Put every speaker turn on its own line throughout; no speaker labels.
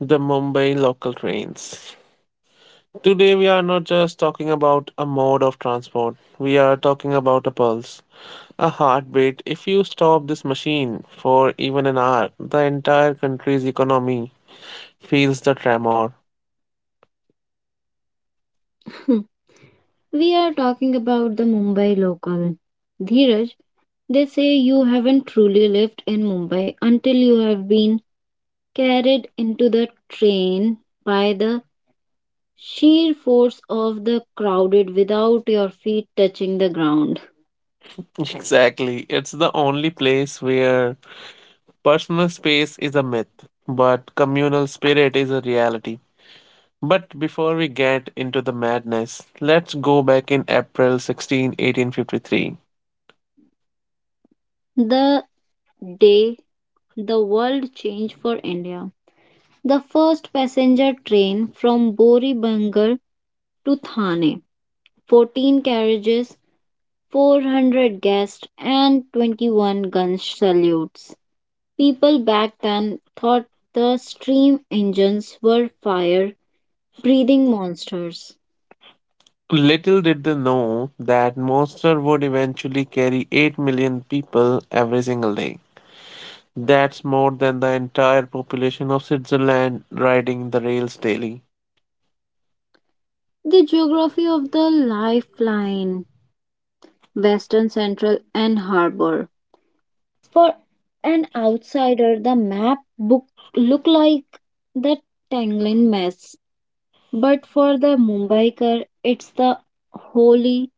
the Mumbai local trains. Today, we are not just talking about a mode of transport, we are talking about a pulse, a heartbeat. If you stop this machine for even an hour, the entire country's economy feels the tremor.
Hmm. We are talking about the Mumbai local. Dheeraj, they say you haven't truly lived in Mumbai until you have been carried into the train by the sheer force of the crowded without your feet touching the ground.
Exactly, it's the only place where personal space is a myth, but communal spirit is a reality. But before we get into the madness, let's go back in April 16, 1853.
The day the world changed for India. The first passenger train from Bori Bangal to Thane, 14 carriages, 400 guests, and 21 gun salutes. People back then thought the steam engines were fire breathing monsters.
Little did they know that Monster would eventually carry 8 million people every single day. That's more than the entire population of Switzerland riding the rails daily.
The geography of the lifeline, western, central, and harbor. For an outsider, the map book looked like the tangling mess, but for the Mumbaiker, it's the holy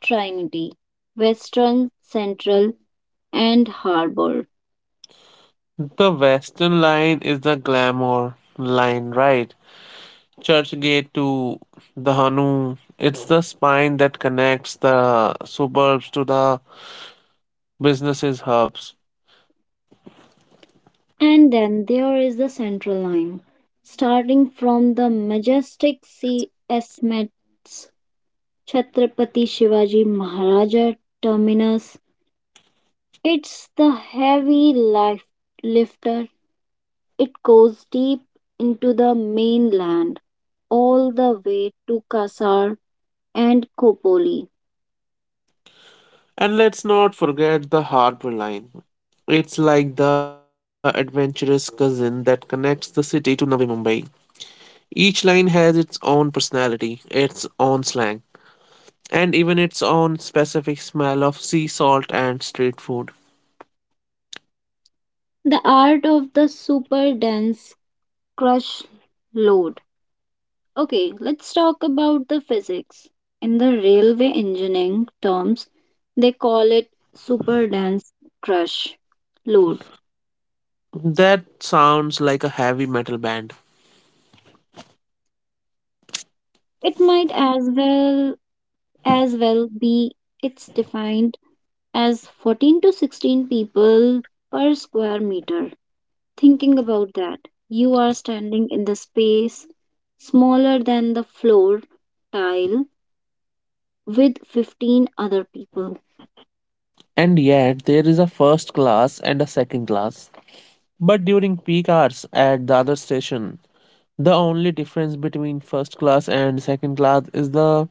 trinity, western, central, and harbor.
The Western Line is the glamour line, right? Churchgate to the Hanu. It's the spine that connects the suburbs to the businesses hubs.
And then there is the central line, starting from the majestic sea estimates Chhatrapati Shivaji Maharaja terminus. It's the heavy life lifter. It goes deep into the mainland, all the way to Kasar and Kopoli.
And let's not forget the harbor line. It's like the adventurous cousin that connects the city to Navi Mumbai. Each line has its own personality, its own slang, and even its own specific smell of sea salt and street food.
The art of the super dense crush load. Okay, let's talk about the physics. In the railway engineering terms, they call it super dense crush load.
That sounds like a heavy metal band.
It might as well be, it's defined as 14 to 16 people per square meter. Thinking about that, you are standing in the space smaller than the floor tile with 15 other people.
And yet, there is a first class and a second class. But during peak hours at the other station, the only difference between first class and second class is the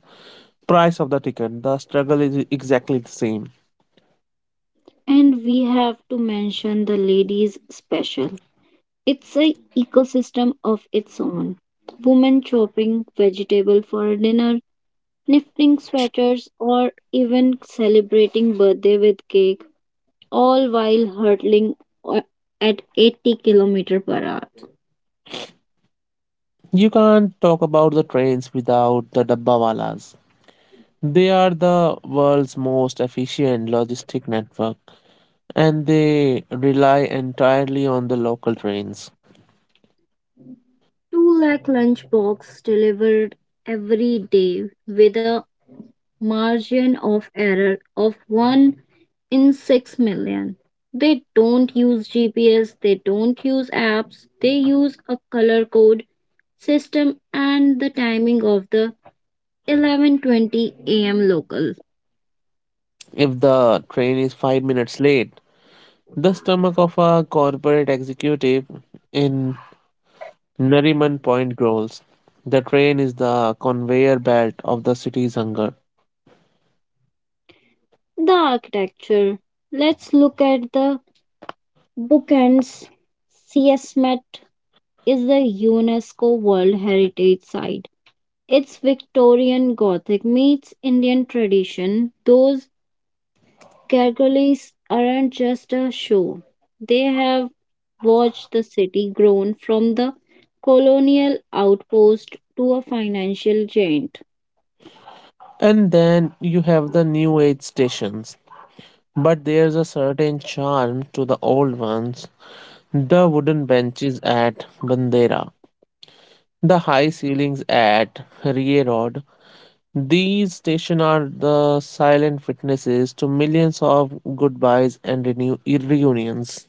price of the ticket, the struggle is exactly the same.
And we have to mention the ladies special. It's a ecosystem of its own. Women chopping vegetable for dinner, knitting sweaters, or even celebrating birthday with cake, all while hurtling o- at 80 kilometer per hour.
You can't talk about the trains without the Dabbawalas. They are the world's most efficient logistic network and they rely entirely on the local trains.
2 lakh lunchbox delivered every day with a margin of error of 1 in 6 million. They don't use GPS, they don't use apps, they use a color code system and the timing of the 11:20 a.m. local.
If the train is 5 minutes late, the stomach of a corporate executive in Nariman Point growls. The train is the conveyor belt of the city's hunger.
The architecture. Let's look at the bookends. CSMET is the UNESCO World Heritage Site. It's Victorian Gothic meets Indian tradition. Those Gargoyles aren't just a show. They have watched the city grown from the colonial outpost to a financial giant.
And then you have the new age stations. But there's a certain charm to the old ones. The wooden benches at Bandera, the high ceilings at Rierod. These stations are the silent witnesses to millions of goodbyes and reunions.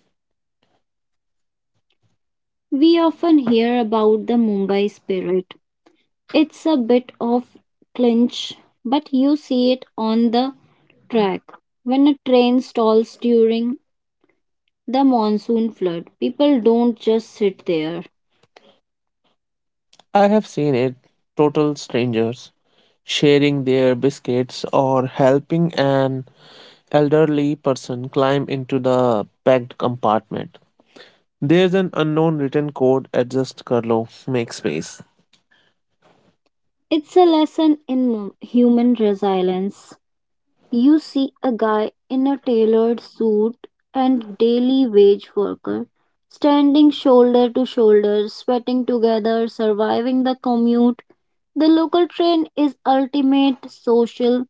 We often hear about the Mumbai spirit. It's a bit of clinch, but you see it on the track. When a train stalls during the monsoon flood, people don't just sit there.
I have seen it, total strangers sharing their biscuits or helping an elderly person climb into the packed compartment. There's an unknown written code, adjust Karlo: make space.
It's a lesson in human resilience. You see a guy in a tailored suit and daily wage worker standing shoulder to shoulder, sweating together, surviving the commute. The local train is ultimate social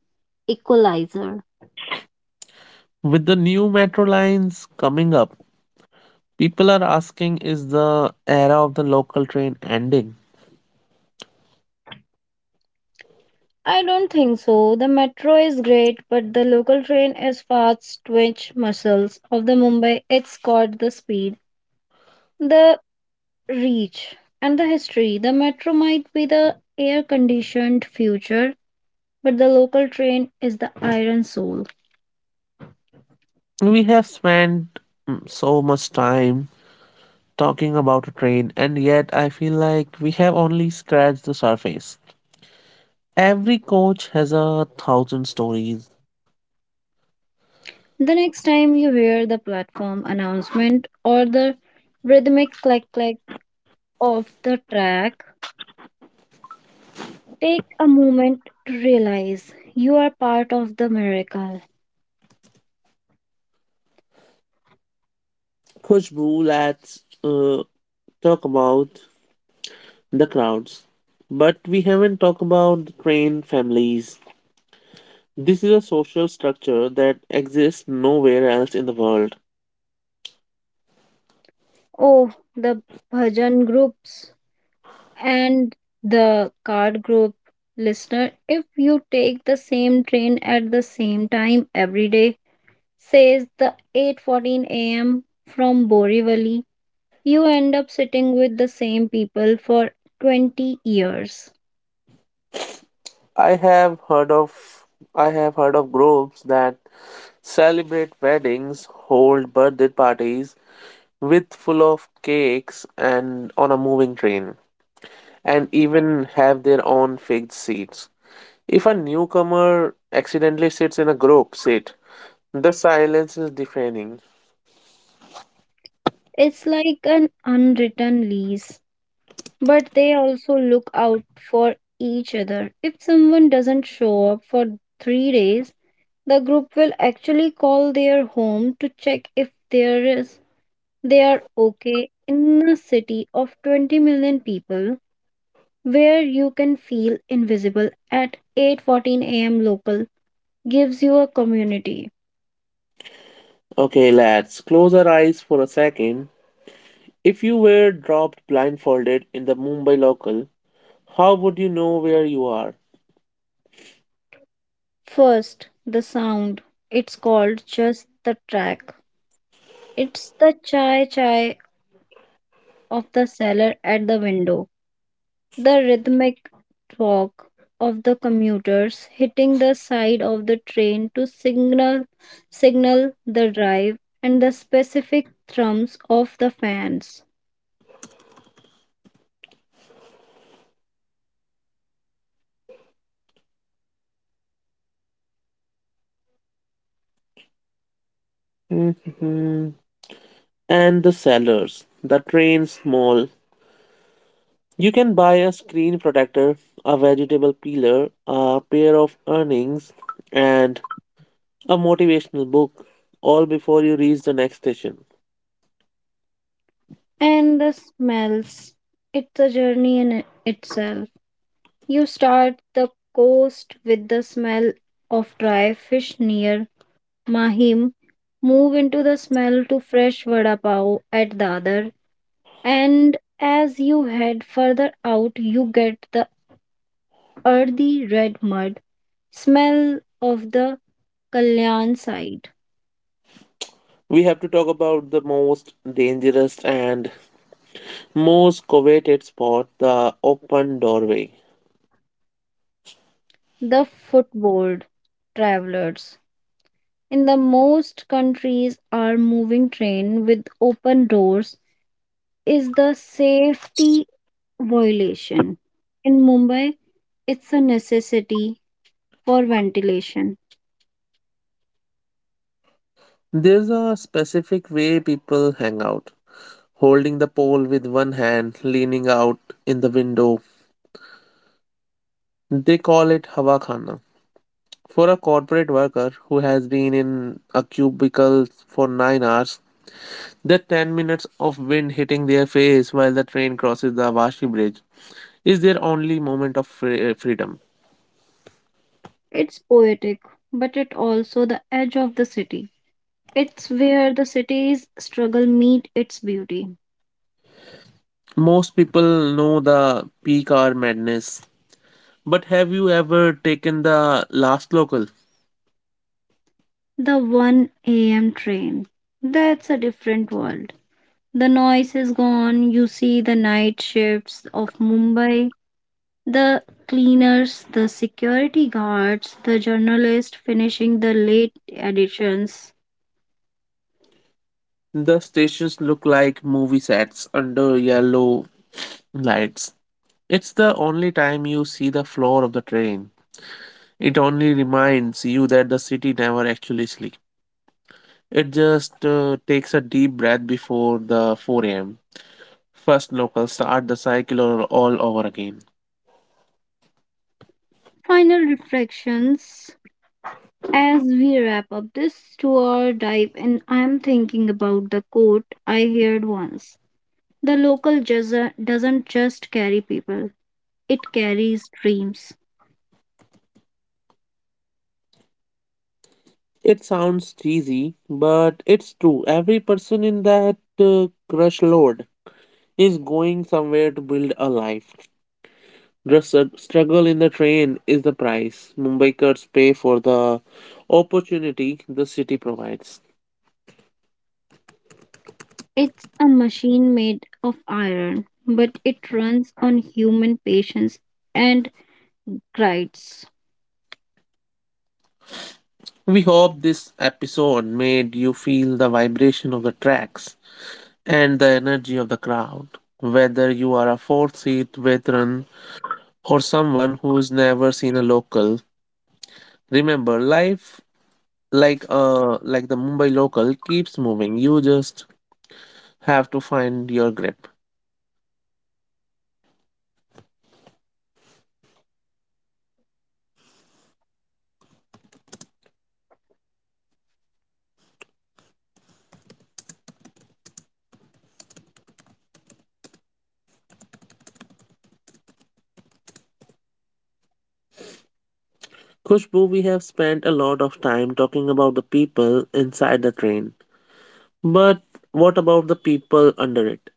equalizer.
With the new metro lines coming up, people are asking, is the era of the local train ending?
I don't think so. The metro is great, but the local train is fast twitch muscles of the Mumbai. It's got the speed, the reach, and the history. The metro might be the air conditioned future, but the local train is the iron soul.
We have spent so much time talking about a train, and yet I feel like we have only scratched the surface. Every coach has a thousand stories.
The next time you hear the platform announcement or the rhythmic click click of the track, take a moment to realize you are part of the miracle.
Khushbu, let's talk about the crowds. But we haven't talked about the train families. This is a social structure that exists nowhere else in the world.
Oh, the bhajan groups and the card group listener, if you take the same train at the same time every day, says the 8:14 a.m. from Borivali, you end up sitting with the same people for 20 years.
I have heard of I have heard of groups that celebrate weddings, hold birthday parties with full of cakes and on a moving train, and even have their own fixed seats. If a newcomer accidentally sits in a group seat, the silence is deafening.
It's like an unwritten lease, but they also look out for each other. If someone doesn't show up for 3 days, the group will actually call their home to check if there is they are okay in a city of 20 million people where you can feel invisible at 8:14 a.m. local gives you a community.
Okay, lads, close our eyes for a second. If you were dropped blindfolded in the Mumbai local, how would you know where you are?
First, the sound. It's called just the track. It's the chai chai of the seller at the window, the rhythmic walk of the commuters hitting the side of the train to signal signal the drive and the specific thrums of the fans.
And the sellers. The train's small. You can buy a screen protector, a vegetable peeler, a pair of earnings, and a motivational book, all before you reach the next station.
And the smells. It's a journey in itself. You start the coast with the smell of dry fish near Mahim, move into the smell to fresh vada pav at Dadar, and as you head further out, you get the earthy red mud smell of the Kalyan side,
We have to talk about the most dangerous and most coveted spot, the open doorway.
the footboard travelers. In the most countries our moving train with open doors is the safety violation. In Mumbai, it's a necessity for ventilation.
There's a specific way people hang out, holding the pole with one hand, leaning out in the window. They call it hawa khana. For a corporate worker who has been in a cubicle for 9 hours, the 10 minutes of wind hitting their face while the train crosses the Awashi Bridge is their only moment of freedom.
It's poetic, but it also the edge of the city. It's where the city's struggle meet its beauty.
Most people know the peak hour madness, but have you ever taken the last local?
The 1 a.m. train. That's a different world. The noise is gone. You see the night shifts of Mumbai. The cleaners, the security guards, the journalist finishing the late editions.
The stations look like movie sets under yellow lights. It's the only time you see the floor of the train. It only reminds you that the city never actually sleeps. It just takes a deep breath before the 4 a.m. First locals start the cycle all over again.
Final reflections as we wrap up this tour dive, and I'm thinking about the quote I heard once. The local jazz- doesn't just carry people, it carries dreams.
It sounds cheesy, but it's true. Every person in that crush load is going somewhere to build a life. The struggle in the train is the price Mumbaikars pay for the opportunity the city provides.
It's a machine made of iron, but it runs on human patience and prides.
We hope this episode made you feel the vibration of the tracks and the energy of the crowd. Whether you are a fourth seat veteran or someone who's never seen a local, remember life like the Mumbai local keeps moving. You just have to find your grip. Kushbu, we have spent a lot of time talking about the people inside the train. But what about the people under it?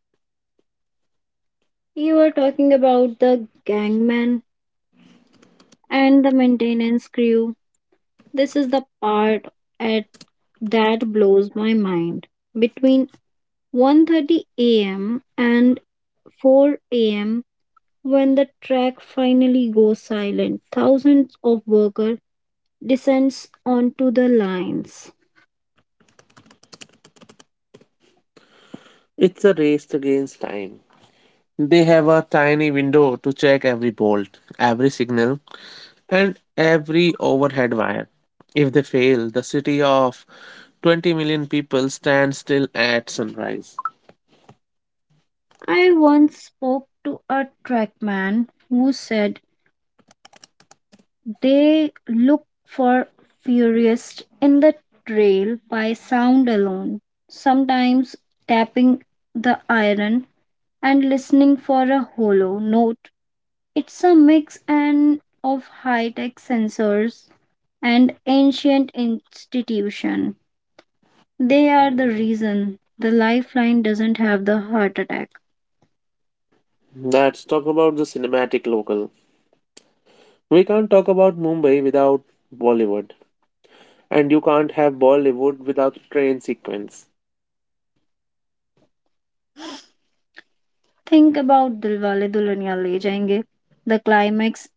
You were talking about the gangman and the maintenance crew. This is the part at that blows my mind. Between 1:30 a.m. and 4 a.m. when the track finally goes silent, thousands of workers descends onto the lines.
It's a race against time. They have a tiny window to check every bolt, every signal, and every overhead wire. If they fail, the city of 20 million people stand still at sunrise.
I once spoke to a trackman who said they look for furious in the trail by sound alone, sometimes tapping the iron and listening for a hollow note. It's a mix and of high-tech sensors and ancient institution. They are the reason the lifeline doesn't have the heart attack.
Let's talk about the cinematic local. We can't talk about Mumbai without Bollywood, and you can't have Bollywood without a train sequence.
Think about Dilwale Dulhaniya Le Jayenge. The climax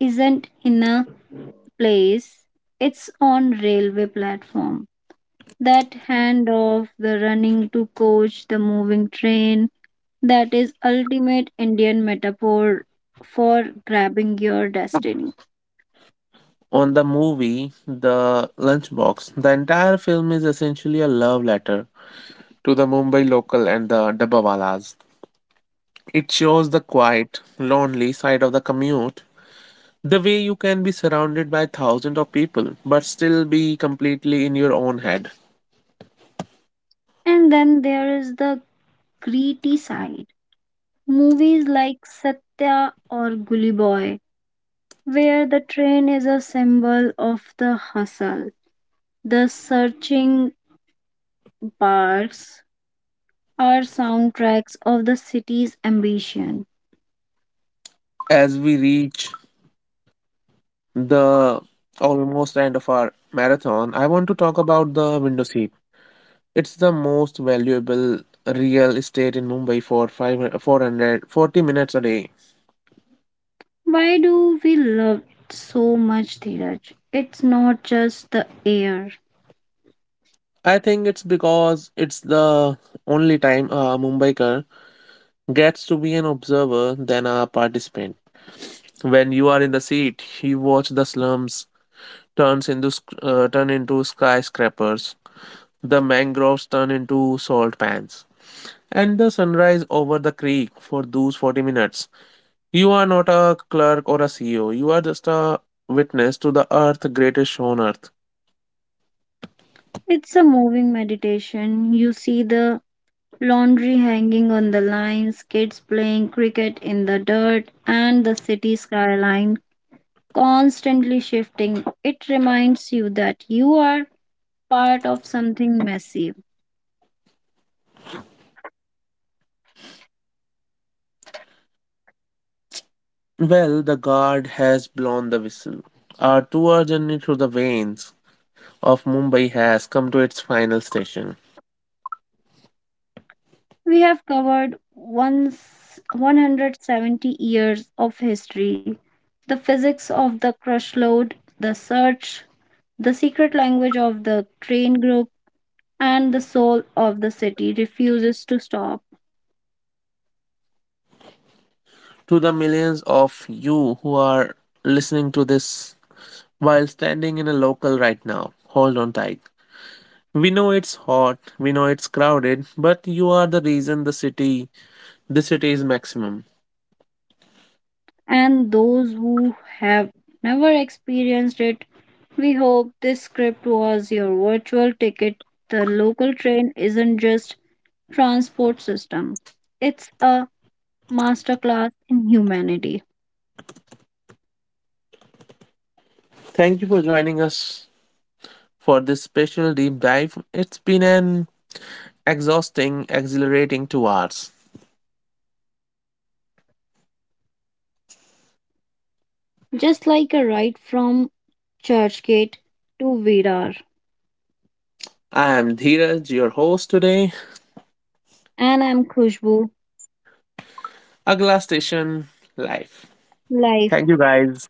isn't in a place, it's on railway platform. That hand of the running to coach the moving train, that is ultimate Indian metaphor for grabbing your destiny.
On the movie, The Lunchbox, the entire film is essentially a love letter to the Mumbai local and the Dabbawalas. It shows the quiet, lonely side of the commute. The way you can be surrounded by thousands of people but still be completely in your own head.
And then there is the gritty side. Movies like Satya or Gully Boy, where the train is a symbol of the hustle. The searching barks are soundtracks of the city's ambition.
As we reach the almost end of our marathon, I want to talk about the window seat. It's the most valuable real estate in Mumbai for 5 440 minutes a day.
Why do we love it so much, Dheeraj? It's not just the air.
I think it's because it's the only time a Mumbaiker gets to be an observer than a participant. When you are in the seat, you watch the slums turn into skyscrapers. The mangroves turn into salt pans. And the sunrise over the creek for those 40 minutes. You are not a clerk or a CEO. You are just a witness to the earth greatest on earth.
It's a moving meditation. You see the laundry hanging on the lines, kids playing cricket in the dirt, and the city skyline constantly shifting. It reminds you that you are part of something massive.
Well, the guard has blown the whistle. Our two-hour journey through the veins of Mumbai has come to its final station.
We have covered once 170 years of history, the physics of the crush load, the search, the secret language of the train group, and the soul of the city refuses to stop.
To the millions of you who are listening to this while standing in a local right now, hold on tight. We know it's hot, we know it's crowded, but you are the reason the city is maximum.
And those who have never experienced it, we hope this script was your virtual ticket. The local train isn't just transport system. It's a masterclass in humanity.
Thank you for joining us for this special deep dive. It's been an exhausting, exhilarating 2 hours.
Just like a ride from Churchgate to Virar.
I am Dheeraj, your host today.
And I'm Khushbu,
Agla Station Live. Thank
life.
you guys.